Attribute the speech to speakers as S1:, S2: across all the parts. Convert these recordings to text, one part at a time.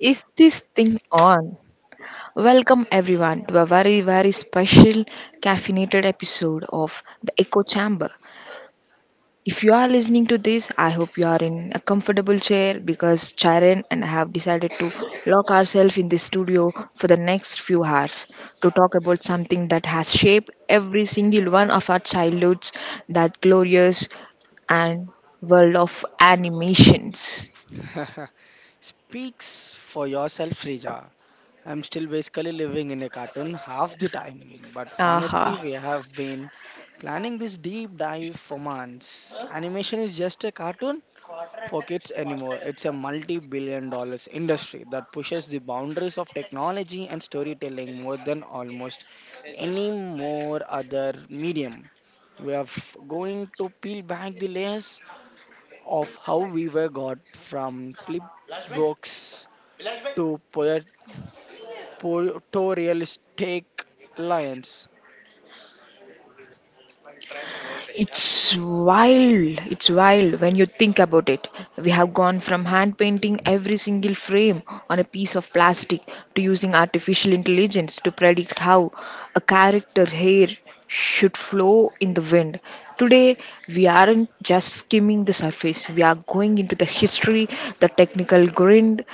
S1: Is this thing on? Welcome everyone to a very, very special caffeinated episode of The Echo Chamber. If you are listening to this, I hope you are in a comfortable chair because Charan and I have decided to lock ourselves in the studio for the next few hours to talk about something that has shaped every single one of our childhoods, that glorious and world of animations.
S2: Speaks for yourself, Frija. I'm still basically living in a cartoon half the time, but
S1: Aha.
S2: honestly, we have been planning this deep dive for months. Animation is just a cartoon for kids anymore. It's a multi billion dollars industry that pushes the boundaries of technology and storytelling more than almost any more other medium. We are going to peel back the layers of how we were got from flip books to poet photorealistic lions.
S1: It's wild. It's wild when you think about it. We have gone from hand painting every single frame on a piece of plastic to using artificial intelligence to predict how a character hair should flow in the wind. Today, we aren't just skimming the surface, we are going into the history, the technical grind,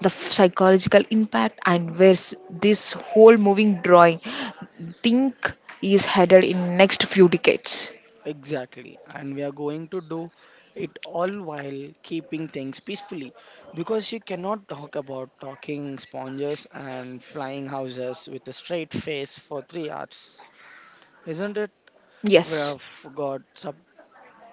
S1: the psychological impact, and where this whole moving drawing think is headed in next few decades.
S2: Exactly. And we are going to do it all while keeping things peacefully, because you cannot talk about talking sponges and flying houses with a straight face for 3 hours, isn't it? We
S1: Yes,
S2: have got sub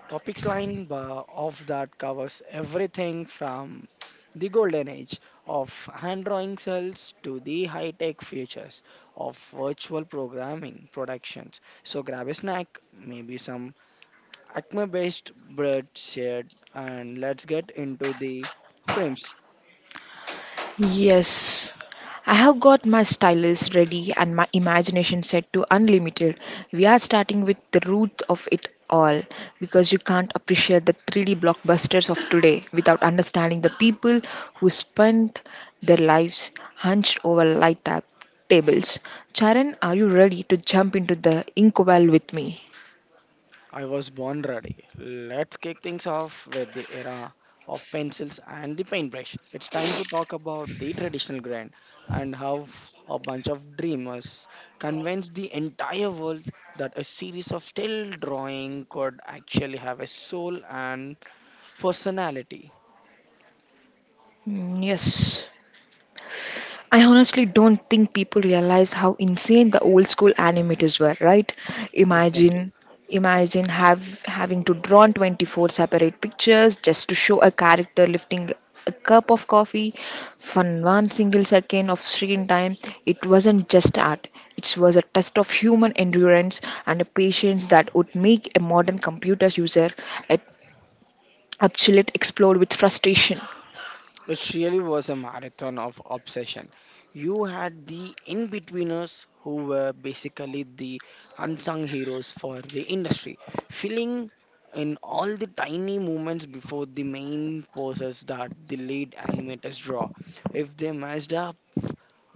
S2: topics line of that covers everything from the golden age of hand drawing cells to the high tech futures of virtual programming productions. So grab a snack, maybe some Acme based bread shared, and let's get into the frames.
S1: yes. I have got my stylus ready and my imagination set to unlimited. We are starting with the root of it all because you can't appreciate the 3D blockbusters of today without understanding the people who spent their lives hunched over light tap tables. Charan, are you ready to jump into the ink well with me?
S2: I was born ready. Let's kick things off with the era of pencils and the paintbrush. It's time to talk about the traditional grand and how a bunch of dreamers convinced the entire world that a series of still drawing could actually have a soul and personality.
S1: Mm, yes. I honestly don't think people realize how insane the old school animators were, right?
S2: Exactly.
S1: Imagine imagine have having to draw 24 separate pictures just to show a character lifting a cup of coffee for one single second of screen time. It wasn't just art, it was a test of human endurance and a patience that would make a modern computer user a absolute explode with frustration.
S2: It really was a marathon of obsession. You had the in betweeners who were basically the unsung heroes for the industry, filling in all the tiny moments before the main poses that the lead animators draw. If they matched up,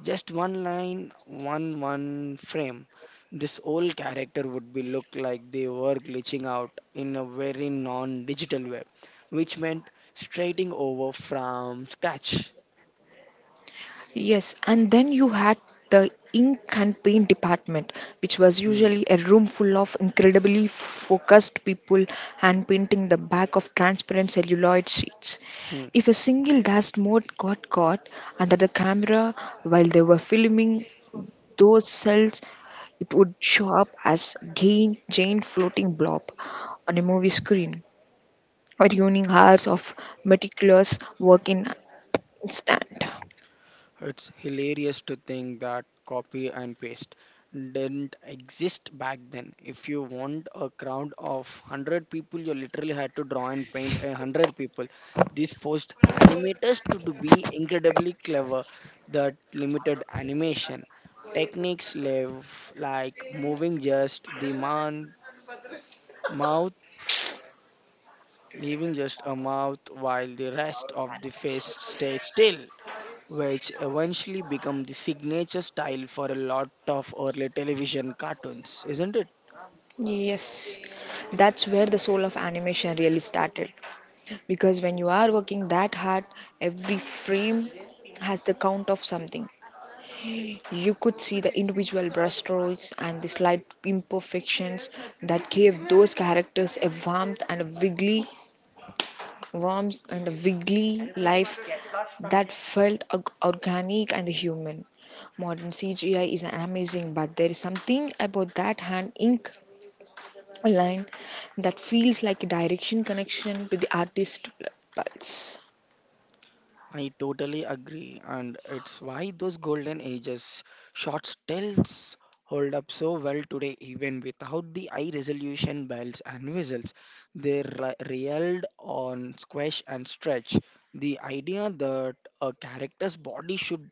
S2: just one line, one frame. This old character would be look like they were glitching out in a very non-digital way, which meant straighting over from scratch.
S1: Yes, and then you had the ink and paint department, which was
S2: Hmm,
S1: usually a room full of incredibly focused people hand painting the back of transparent celluloid sheets.
S2: hmm.
S1: If a single dust mode got caught under the camera while they were filming those cells, it would show up as giant floating blob on a movie screen, ruining hours of meticulous work in instant.
S2: It's hilarious to think that copy and paste didn't exist back then. If you want a crowd of 100 people, you literally had to draw and paint a 100 people. This forced animators to be incredibly clever that limited animation. Techniques live like moving just the man, mouth, leaving just a mouth while the rest of the face stays still, which eventually become the signature style for a lot of early television cartoons, isn't it?
S1: Yes, that's where the soul of animation really started. Because when you are working that hard, every frame has the count of something. You could see the individual brushstrokes and the slight imperfections that gave those characters a warmth and a wiggly life that felt organic and human. Modern CGI is amazing, but there is something about that hand ink a line that feels like a direction connection to the artist pulse.
S2: I totally agree, and it's why those golden ages shots tells hold up so well today, even without the high resolution bells and whistles. They reeled on squash and stretch. The idea that a character's body should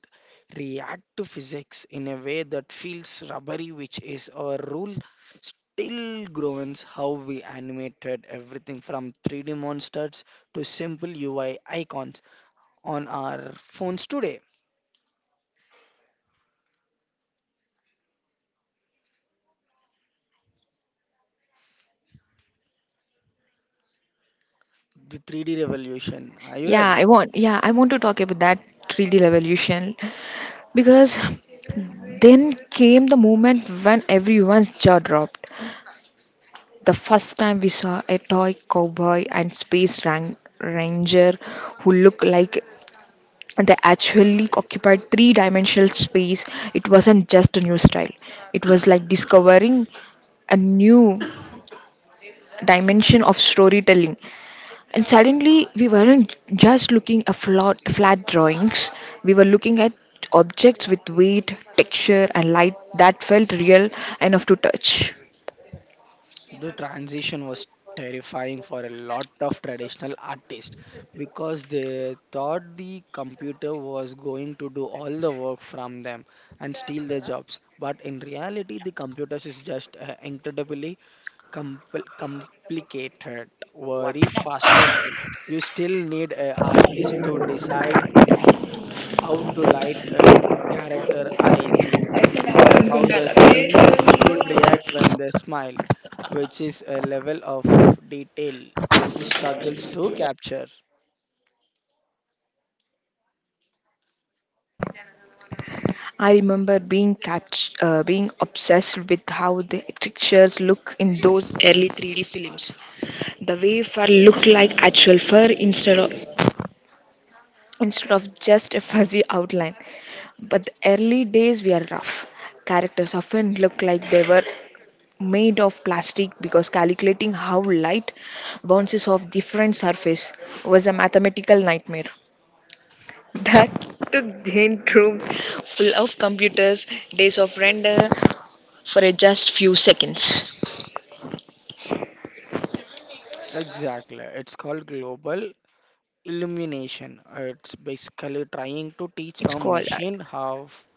S2: react to physics in a way that feels rubbery, which is a rule, still groans how we animated everything from 3D monsters to simple UI icons on our phones today. The 3D revolution. Are you ready?
S1: Yeah, I want to talk about that 3D revolution because then came the moment when everyone's jaw dropped. The first time we saw a toy cowboy and space ranger who looked like they actually occupied three-dimensional space. It wasn't just a new style. It was like discovering a new dimension of storytelling. And suddenly, we weren't just looking at flat drawings, we were looking at objects with weight, texture, and light that felt real enough to touch.
S2: The transition was terrifying for a lot of traditional artists because they thought the computer was going to do all the work from them and steal their jobs. But in reality, the computers is just incredibly complicated, very fast pencil. You still need an artist to decide how to light a character eyes or how the skin should react when they smile, which is a level of detail 2D struggles to capture.
S1: I remember being obsessed with how the textures look in those early 3D films. The way fur looked like actual fur instead of just a fuzzy outline. But the early days were rough. Characters often looked like they were made of plastic because calculating how light bounces off different surface was a mathematical nightmare. That took giant rooms full of computers, days of render for a just few seconds.
S2: Exactly, it's called global illumination. It's basically trying to teach
S1: It's
S2: a
S1: called
S2: machine how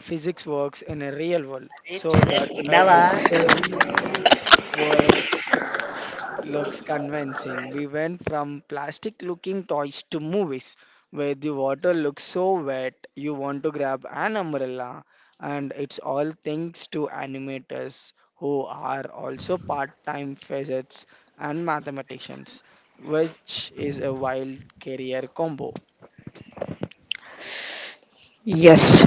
S2: physics works in a real world so that a digital world looks convincing. We went from plastic looking toys to movies where the water looks so wet you want to grab an umbrella. And it's all thanks to animators who are also part time physicists and mathematicians, which is a wild career combo.
S1: yes.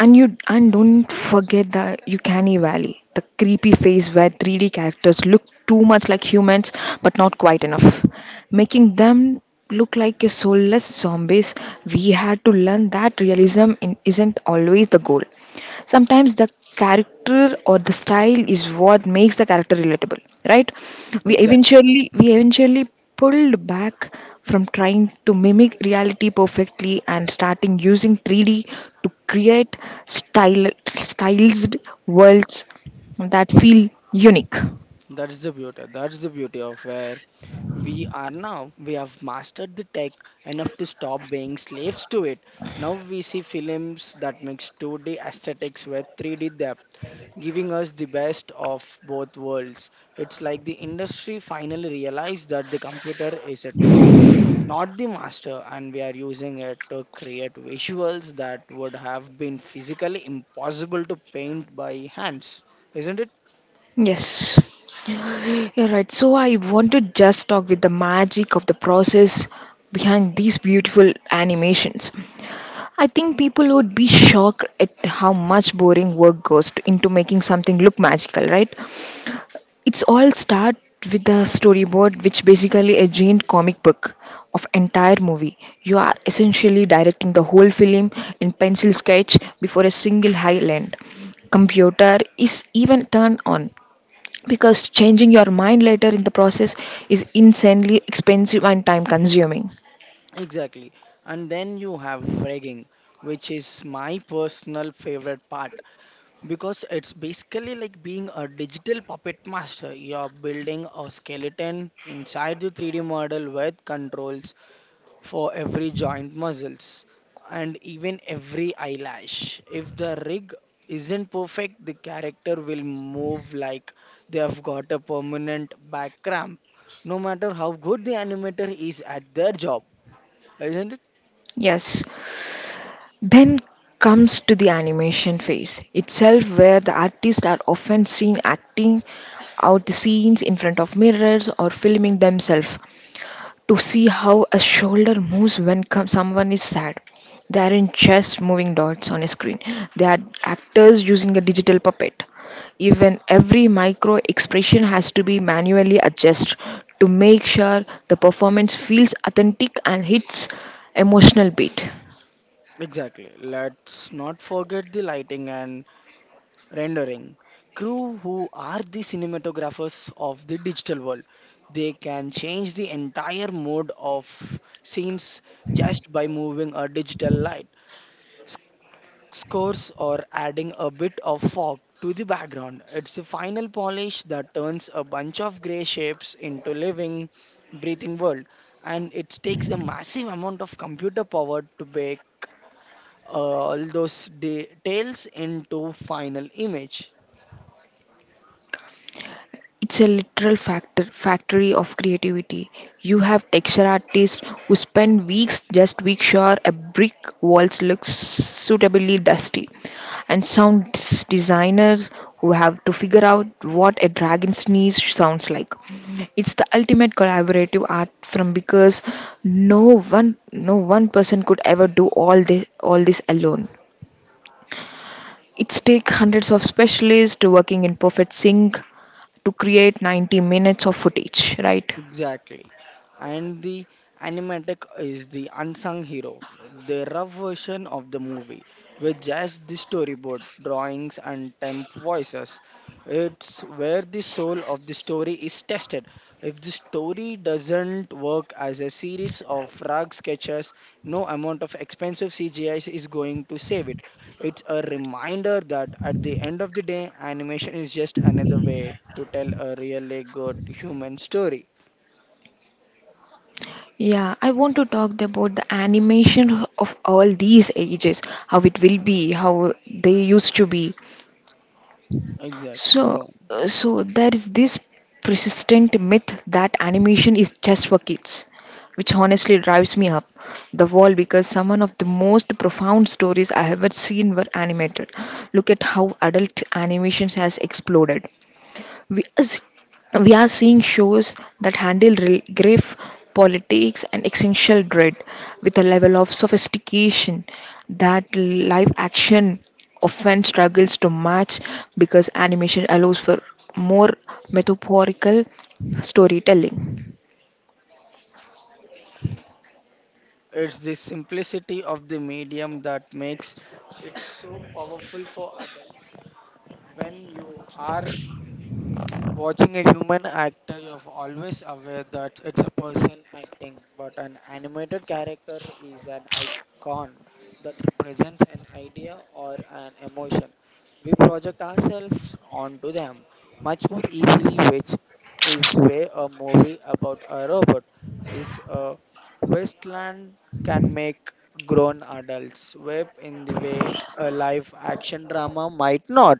S1: And you and don't forget the Uncanny Valley, the creepy phase where 3D characters look too much like humans but not quite enough, making them look like a soulless zombies. We had to learn that realism in, isn't always the goal. Sometimes the character or the style is what makes the character relatable, right?
S2: Exactly.
S1: We eventually pulled back from trying to mimic reality perfectly and starting using 3D to create style, stylized worlds that feel unique.
S2: That is the beauty. That's the beauty of where we are now. We have mastered the tech enough to stop being slaves to it. Now we see films that mix 2D aesthetics with 3D depth, giving us the best of both worlds. It's like the industry finally realized that the computer is a tool, not the master, and we are using it to create visuals that would have been physically impossible to paint by hands. Isn't it?
S1: Yes. Yeah, right. So I want to just talk with the magic of the process behind these beautiful animations. I think people would be shocked at how much boring work goes into making something look magical, right? It's all start with the storyboard, which basically a giant comic book of entire movie. You are essentially directing the whole film in pencil sketch before a single high land computer is even turned on because changing your mind later in the process is insanely expensive and time consuming.
S2: Exactly. And then you have rigging, which is my personal favorite part because it's basically like being a digital puppet master. You're building a skeleton inside the 3D model with controls for every joint muscles and even every eyelash. If the rig isn't perfect, the character will move like they have got a permanent back cramp, no matter how good the animator is at their job, isn't it?
S1: Yes. Then comes to the animation phase itself, where the artists are often seen acting out the scenes in front of mirrors or filming themselves to see how a shoulder moves when someone is sad. They aren't just moving dots on a screen, they are actors using a digital puppet. Even every micro expression has to be manually adjusted to make sure the performance feels authentic and hits emotional beat.
S2: Exactly. Let's not forget the lighting and rendering crew who are the cinematographers of the digital world. They can change the entire mode of scenes just by moving a digital light scores or adding a bit of fog to the background. It's a final polish that turns a bunch of gray shapes into living, breathing world, and it takes a massive amount of computer power to bake uh, all those details into final image.
S1: It's a factory of creativity. You have texture artists who spend weeks just make sure a brick walls looks suitably dusty, and sound designers who have to figure out what a dragon sneeze sounds like. It's the ultimate collaborative art from because no no one person could ever do all this alone. It takes hundreds of specialists working in perfect sync to create 90 minutes of footage, right?
S2: Exactly. And the animatic is the unsung hero, the rough version of the movie with just the storyboard, drawings, and temp voices. It's where the soul of the story is tested. If the story doesn't work as a series of frog sketches, no amount of expensive CGI is going to save it. It's a reminder that at the end of the day, animation is just another way to tell a really good human story.
S1: Yeah, I want to talk about the animation of all these ages, how it will be, how they used to be.
S2: Exactly,
S1: So,
S2: go.
S1: so there is this persistent myth that animation is just for kids, which honestly drives me up the wall because some one of the most profound stories I have ever seen were animated. Look at how adult animations has exploded. We are, s- we are seeing shows that handle grief, politics, and existential dread with a level of sophistication that live action often struggles to match because animation allows for more metaphorical storytelling.
S2: It's the simplicity of the medium that makes it so powerful for adults. When you are watching a human actor, you're always aware that it's a person acting, but an animated character is an icon that represents an idea or an emotion. We project ourselves onto them much more easily, which is way a movie about a robot is a wasteland can make grown adults web in the way a live action drama might not.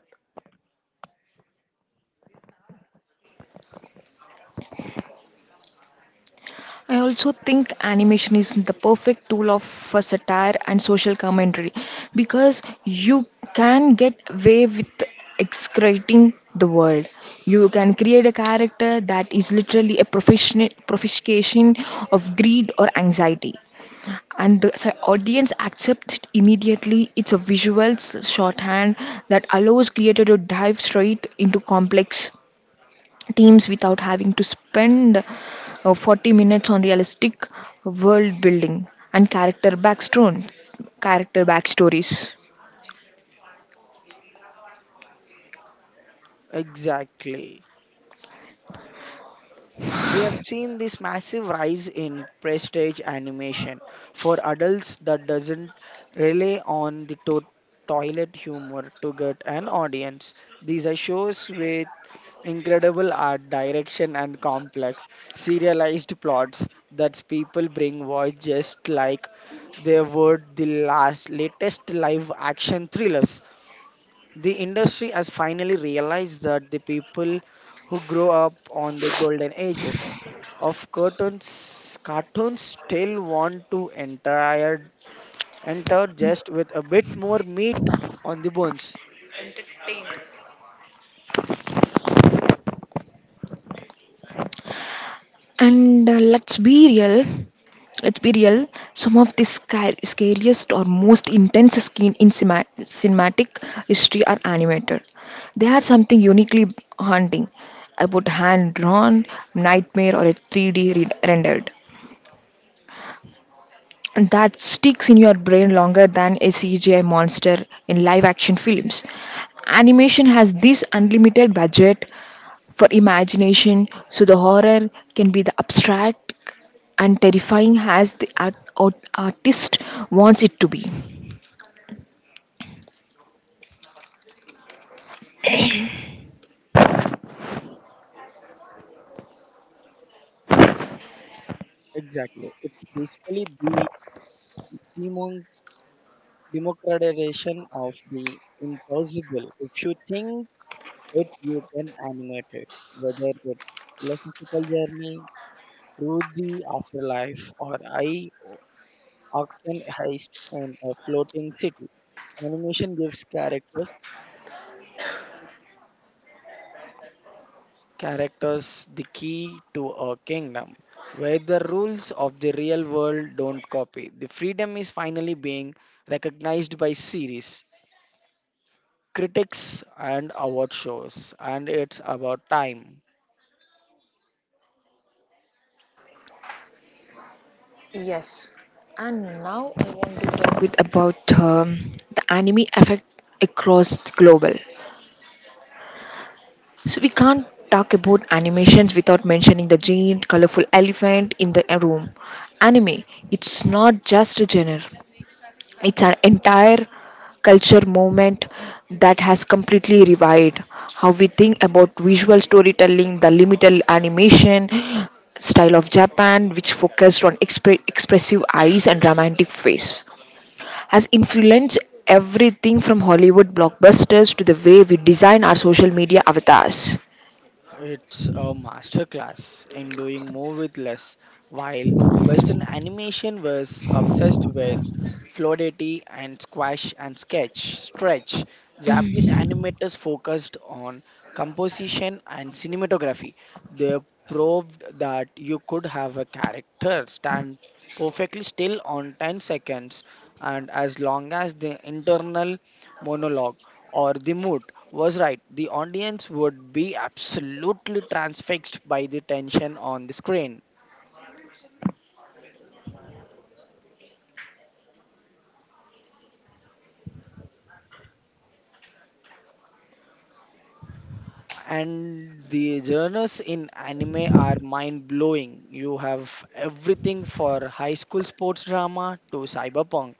S1: I also think animation is the perfect tool of for satire and social commentary because you can get away with excreting the world. You can create a character that is literally a professional profication of greed or anxiety. And the so audience accepts it immediately. It's a visual shorthand that allows creator to dive straight into complex teams without having to spend 40 minutes on realistic world building and character backstories.
S2: Exactly. We have seen this massive rise in prestige animation for adults that doesn't rely on the toilet humor to get an audience. These are shows with incredible art direction and complex serialized plots that people bring watch just like they would the last latest live action thrillers. The industry has finally realized that the people who grow up on the golden ages of cartoons still want to enter just with a bit more meat on the bones.
S1: And let's be real some of the scariest or most intense skin in cinematic history are animated. They are something uniquely haunting about hand drawn nightmare or a 3D rendered and that sticks in your brain longer than a CGI monster in live action films. Animation has this unlimited budget for imagination, so the horror can be the abstract and terrifying as the artist wants it to be.
S2: Exactly. It's basically the demon democratization of the impossible. If you think it, you can animate it. Whether it's philosophical journey through the afterlife or I often heist in a floating city. Animation gives characters the key to a kingdom where the rules of the real world don't copy. The freedom is finally being recognized by series critics and award shows, and it's about time.
S1: Yes, and now I want to talk with about the anime effect across the global. So we can't talk about animations without mentioning the giant colorful elephant in the room. Anime, it's not just a genre. It's an entire culture movement that has completely revived how we think about visual storytelling, the limited animation style of Japan which focused on expressive eyes and romantic face has influenced everything from Hollywood blockbusters to the way we design our social media avatars.
S2: It's a masterclass in doing more with less, while Western animation was obsessed with fluidity and squash and sketch, stretch. Japanese animators focused on composition and cinematography. They proved that you could have a character stand perfectly still on 10 seconds, and as long as the internal monologue or the mood was right. The audience would be absolutely transfixed by the tension on the screen. And the journeys in anime are mind blowing. You have everything for high school sports drama to cyberpunk.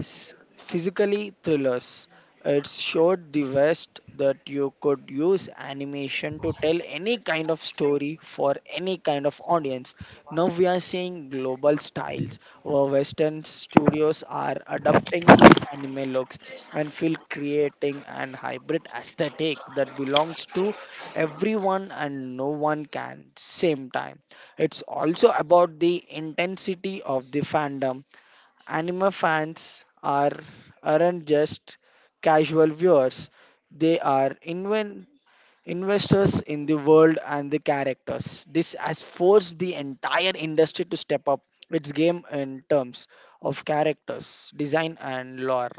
S2: Physically thrillers. It showed the West that you could use animation to tell any kind of story for any kind of audience. Now we are seeing global styles where Western studios are adapting the anime looks and feel, creating an hybrid aesthetic that belongs to everyone and no one can same time. It's also about the intensity of the fandom. Anime fans aren't just casual viewers; they are investors in the world and the characters. This has forced the entire industry to step up its game in terms of characters, design, and lore.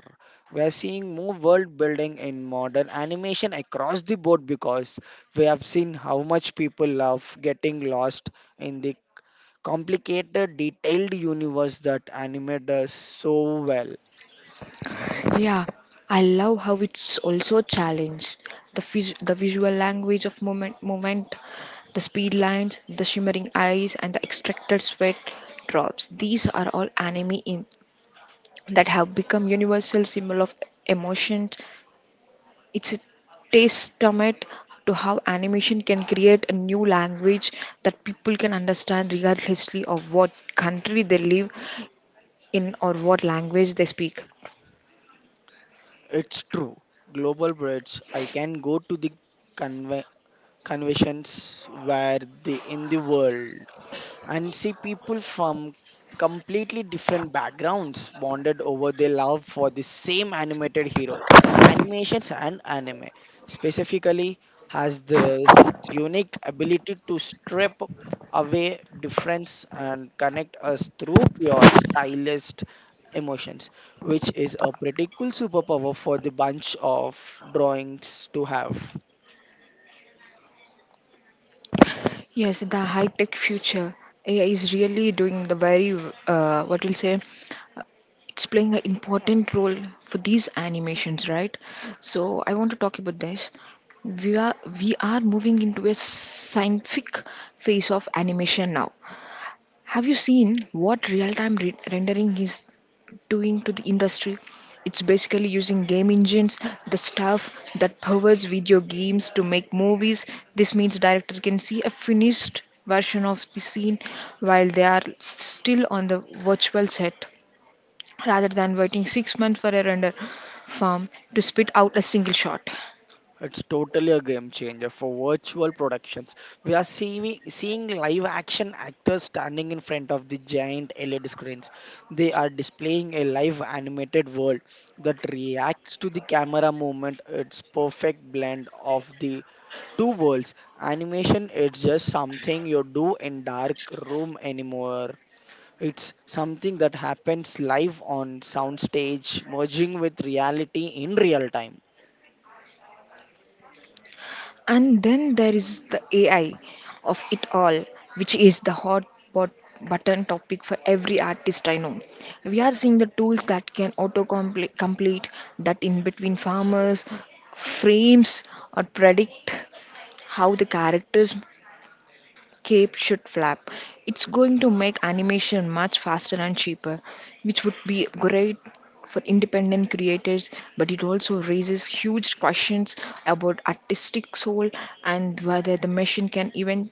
S2: We are seeing more world building in modern animation across the board because we have seen how much people love getting lost in the complicated, detailed universe that anime does so well.
S1: Yeah, I love how it's also a challenge. The visual language of movement, the speed lines, the shimmering eyes, and the extracted sweat drops. These are all anime in- that have become universal symbol of emotion. It's a testament to how animation can create a new language that people can understand regardlessly of what country they live in or what language they speak.
S2: It's true. Global bridge. I can go to the conve- conventions where the in the world. And see people from completely different backgrounds bonded over their love for the same animated hero. Animations and anime specifically has this unique ability to strip away difference and connect us through pure stylist emotions, which is a pretty cool superpower for the bunch of drawings to have.
S1: Yes, the high-tech future AI is really doing the very what we'll say uh, it's playing an important role for these animations, right? So I want to talk about this. We are we are moving into a scientific phase of animation now. Have you seen what real-time rendering is doing to the industry. It's basically using game engines, the stuff that powers video games to make movies. This means director can see a finished version of the scene while they are still on the virtual set rather than waiting 6 months for a render farm to spit out a single shot.
S2: It's totally a game changer for virtual productions. We are seeing live action actors standing in front of the giant LED screens. They are displaying a live animated world that reacts to the camera movement. It's perfect blend of the two worlds. Animation is just something you do in dark room anymore. It's something that happens live on soundstage, merging with reality in real time.
S1: And then there is the AI of it all, which is the hot pot button topic for every artist I know. We are seeing the tools that can auto complete that in between frames, or predict how the characters cape should flap. It's going to make animation much faster and cheaper, which would be great for independent creators, but it also raises huge questions about artistic soul and whether the machine can even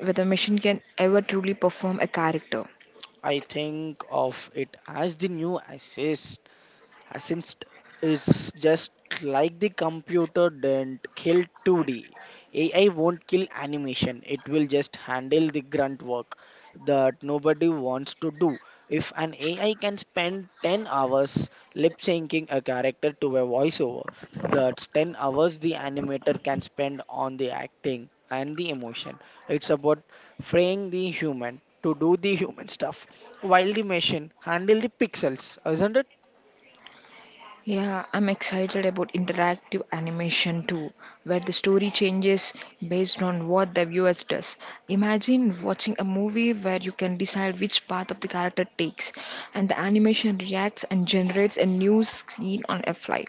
S1: whether machine can ever truly perform a character.
S2: I think of it as the new access since it's just like the computer didn't kill 2D, AI won't kill animation. It will just handle the grunt work that nobody wants to do. If an AI can spend 10 hours lip syncing a character to a voiceover, that's 10 hours the animator can spend on the acting and the emotion. It's about freeing the human to do the human stuff while the machine handle the pixels, isn't it?
S1: Yeah, I'm excited about interactive animation too, where the story changes based on what the viewers does. Imagine watching a movie where you can decide which path of the character takes, and the animation reacts and generates a new scene on a fly.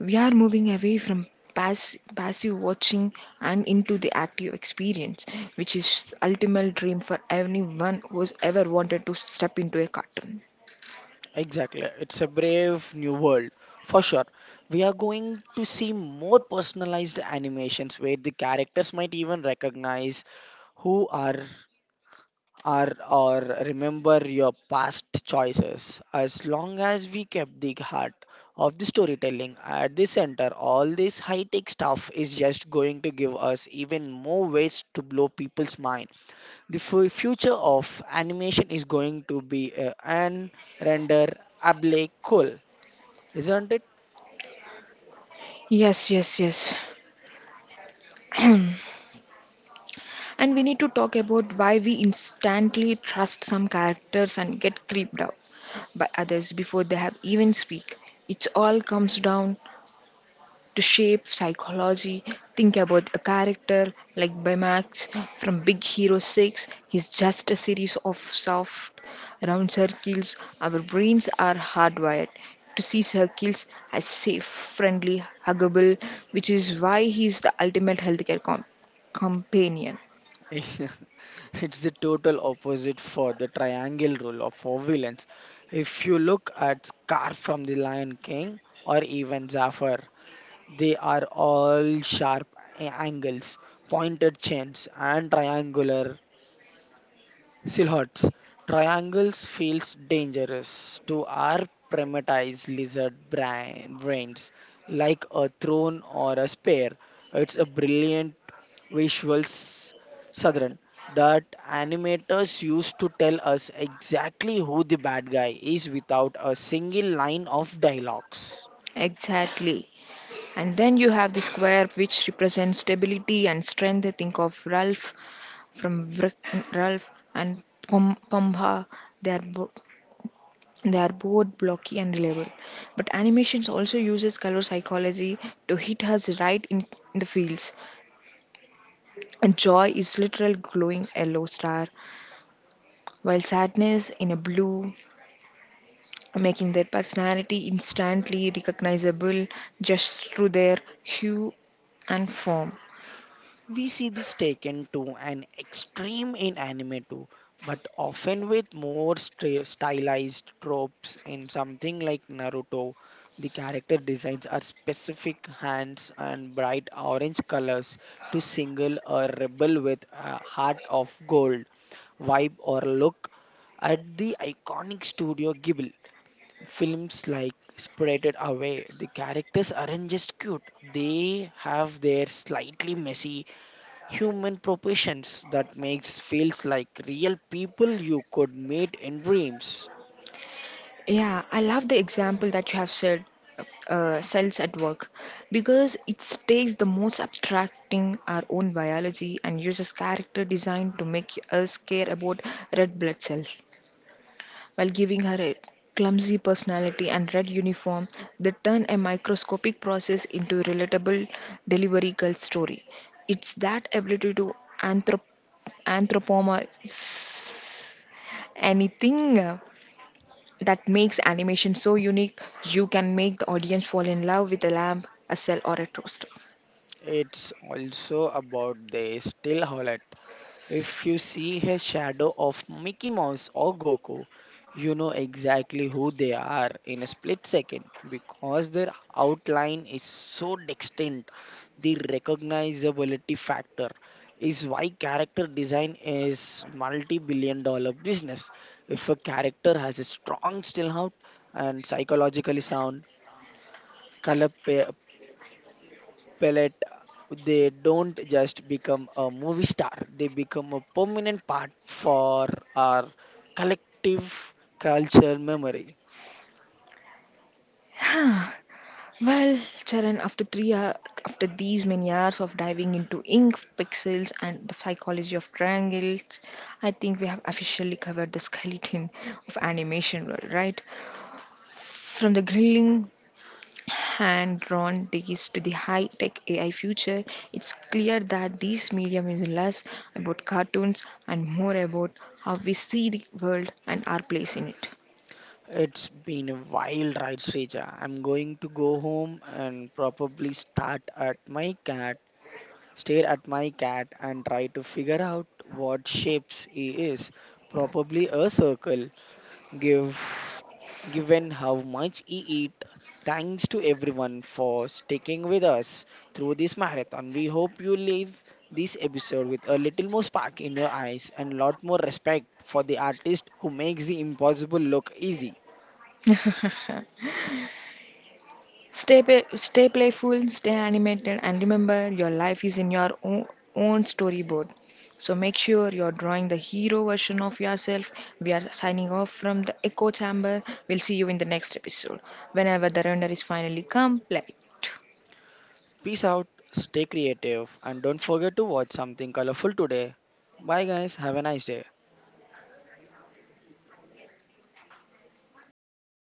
S1: We are moving away from passive watching and into the active experience, which is ultimate dream for anyone who's ever wanted to step into a cartoon.
S2: Exactly. It's a brave new world. For sure. We are going to see more personalized animations where the characters might even recognize who are or remember your past choices. As long as we kept the heart of the storytelling at the center, all this high tech stuff is just going to give us even more ways to blow people's mind. The future of animation is going to be an render able cool, isn't it?
S1: Yes. And we need to talk about why we instantly trust some characters and get creeped out by others before they have even speak. It all comes down to shape, psychology. Think about a character like Baymax from Big Hero 6. He's just a series of soft, round circles. Our brains are hardwired to see circles as safe, friendly, huggable, which is why he's the ultimate healthcare companion.
S2: It's the total opposite for the triangle rule of for villains. If you look at Scar from the Lion King or even Zafar, they are all sharp a- angles, pointed chins, and triangular silhouettes. Triangles feels dangerous to our primatized lizard brains, like a throne or a spear. It's a brilliant visual southern that animators used to tell us exactly who the bad guy is without a single line of dialogues.
S1: Exactly. And then you have the square which represents stability and strength. Think of Ralph from Ralph and Pomha. They are both they are both blocky and reliable. But animations also uses color psychology to hit us right in the feels. And joy is literal glowing yellow star, while sadness in a blue, making their personality instantly recognizable just through their hue and form.
S2: We see this taken to an extreme in anime too, but often with more stylized tropes. In something like Naruto, the character designs are specific hands and bright orange colors to single a rebel with a heart of gold, vibe or look. At the iconic Studio Ghibli films like Spirited Away, the characters aren't just cute, they have their slightly messy human proportions that makes feels like real people you could meet in dreams.
S1: Yeah, I love the example that you have said, uh, cells at work, because it takes the most abstracting our own biology and uses character design to make us care about red blood cells, while giving her a clumsy personality and red uniform that turn a microscopic process into a relatable delivery girl story. It's that ability to anthrop- anthropomorphize anything that makes animation so unique you can make the audience fall in love with a lamp a cell or a toaster.
S2: It's also about the still Howlett. If you see a shadow of Mickey Mouse or Goku, you know exactly who they are in a split second because their outline is so distinct. The recognizability factor is why character design is multi-billion dollar business. If a character has a strong still out and psychologically sound color pellet, they don't just become a movie star, they become a permanent part for our collective culture memory.
S1: Well charan after these many hours of diving into ink pixels and the psychology of triangles I think we have officially covered the skeleton of animation world right from the grilling hand drawn days to the high tech AI future, it's clear that this medium is less about cartoons and more about how we see the world and our place in it.
S2: It's been a wild ride, Srija. I'm going to go home and probably start at my cat, stare at my cat, and try to figure out what shapes he is. Probably a circle, give given how much he eat. Thanks to everyone for sticking with us through this marathon. We hope you leave this episode with a little more spark in your eyes and lot more respect for the artist who makes the impossible look easy.
S1: Stay playful, stay animated, and remember your life is in your own storyboard. So make sure you're drawing the hero version of yourself. We are signing off from the echo chamber. We'll see you in the next episode. Whenever the render is finally complete.
S2: Peace out, stay creative, and don't forget to watch something colorful today. Bye guys, have a nice day.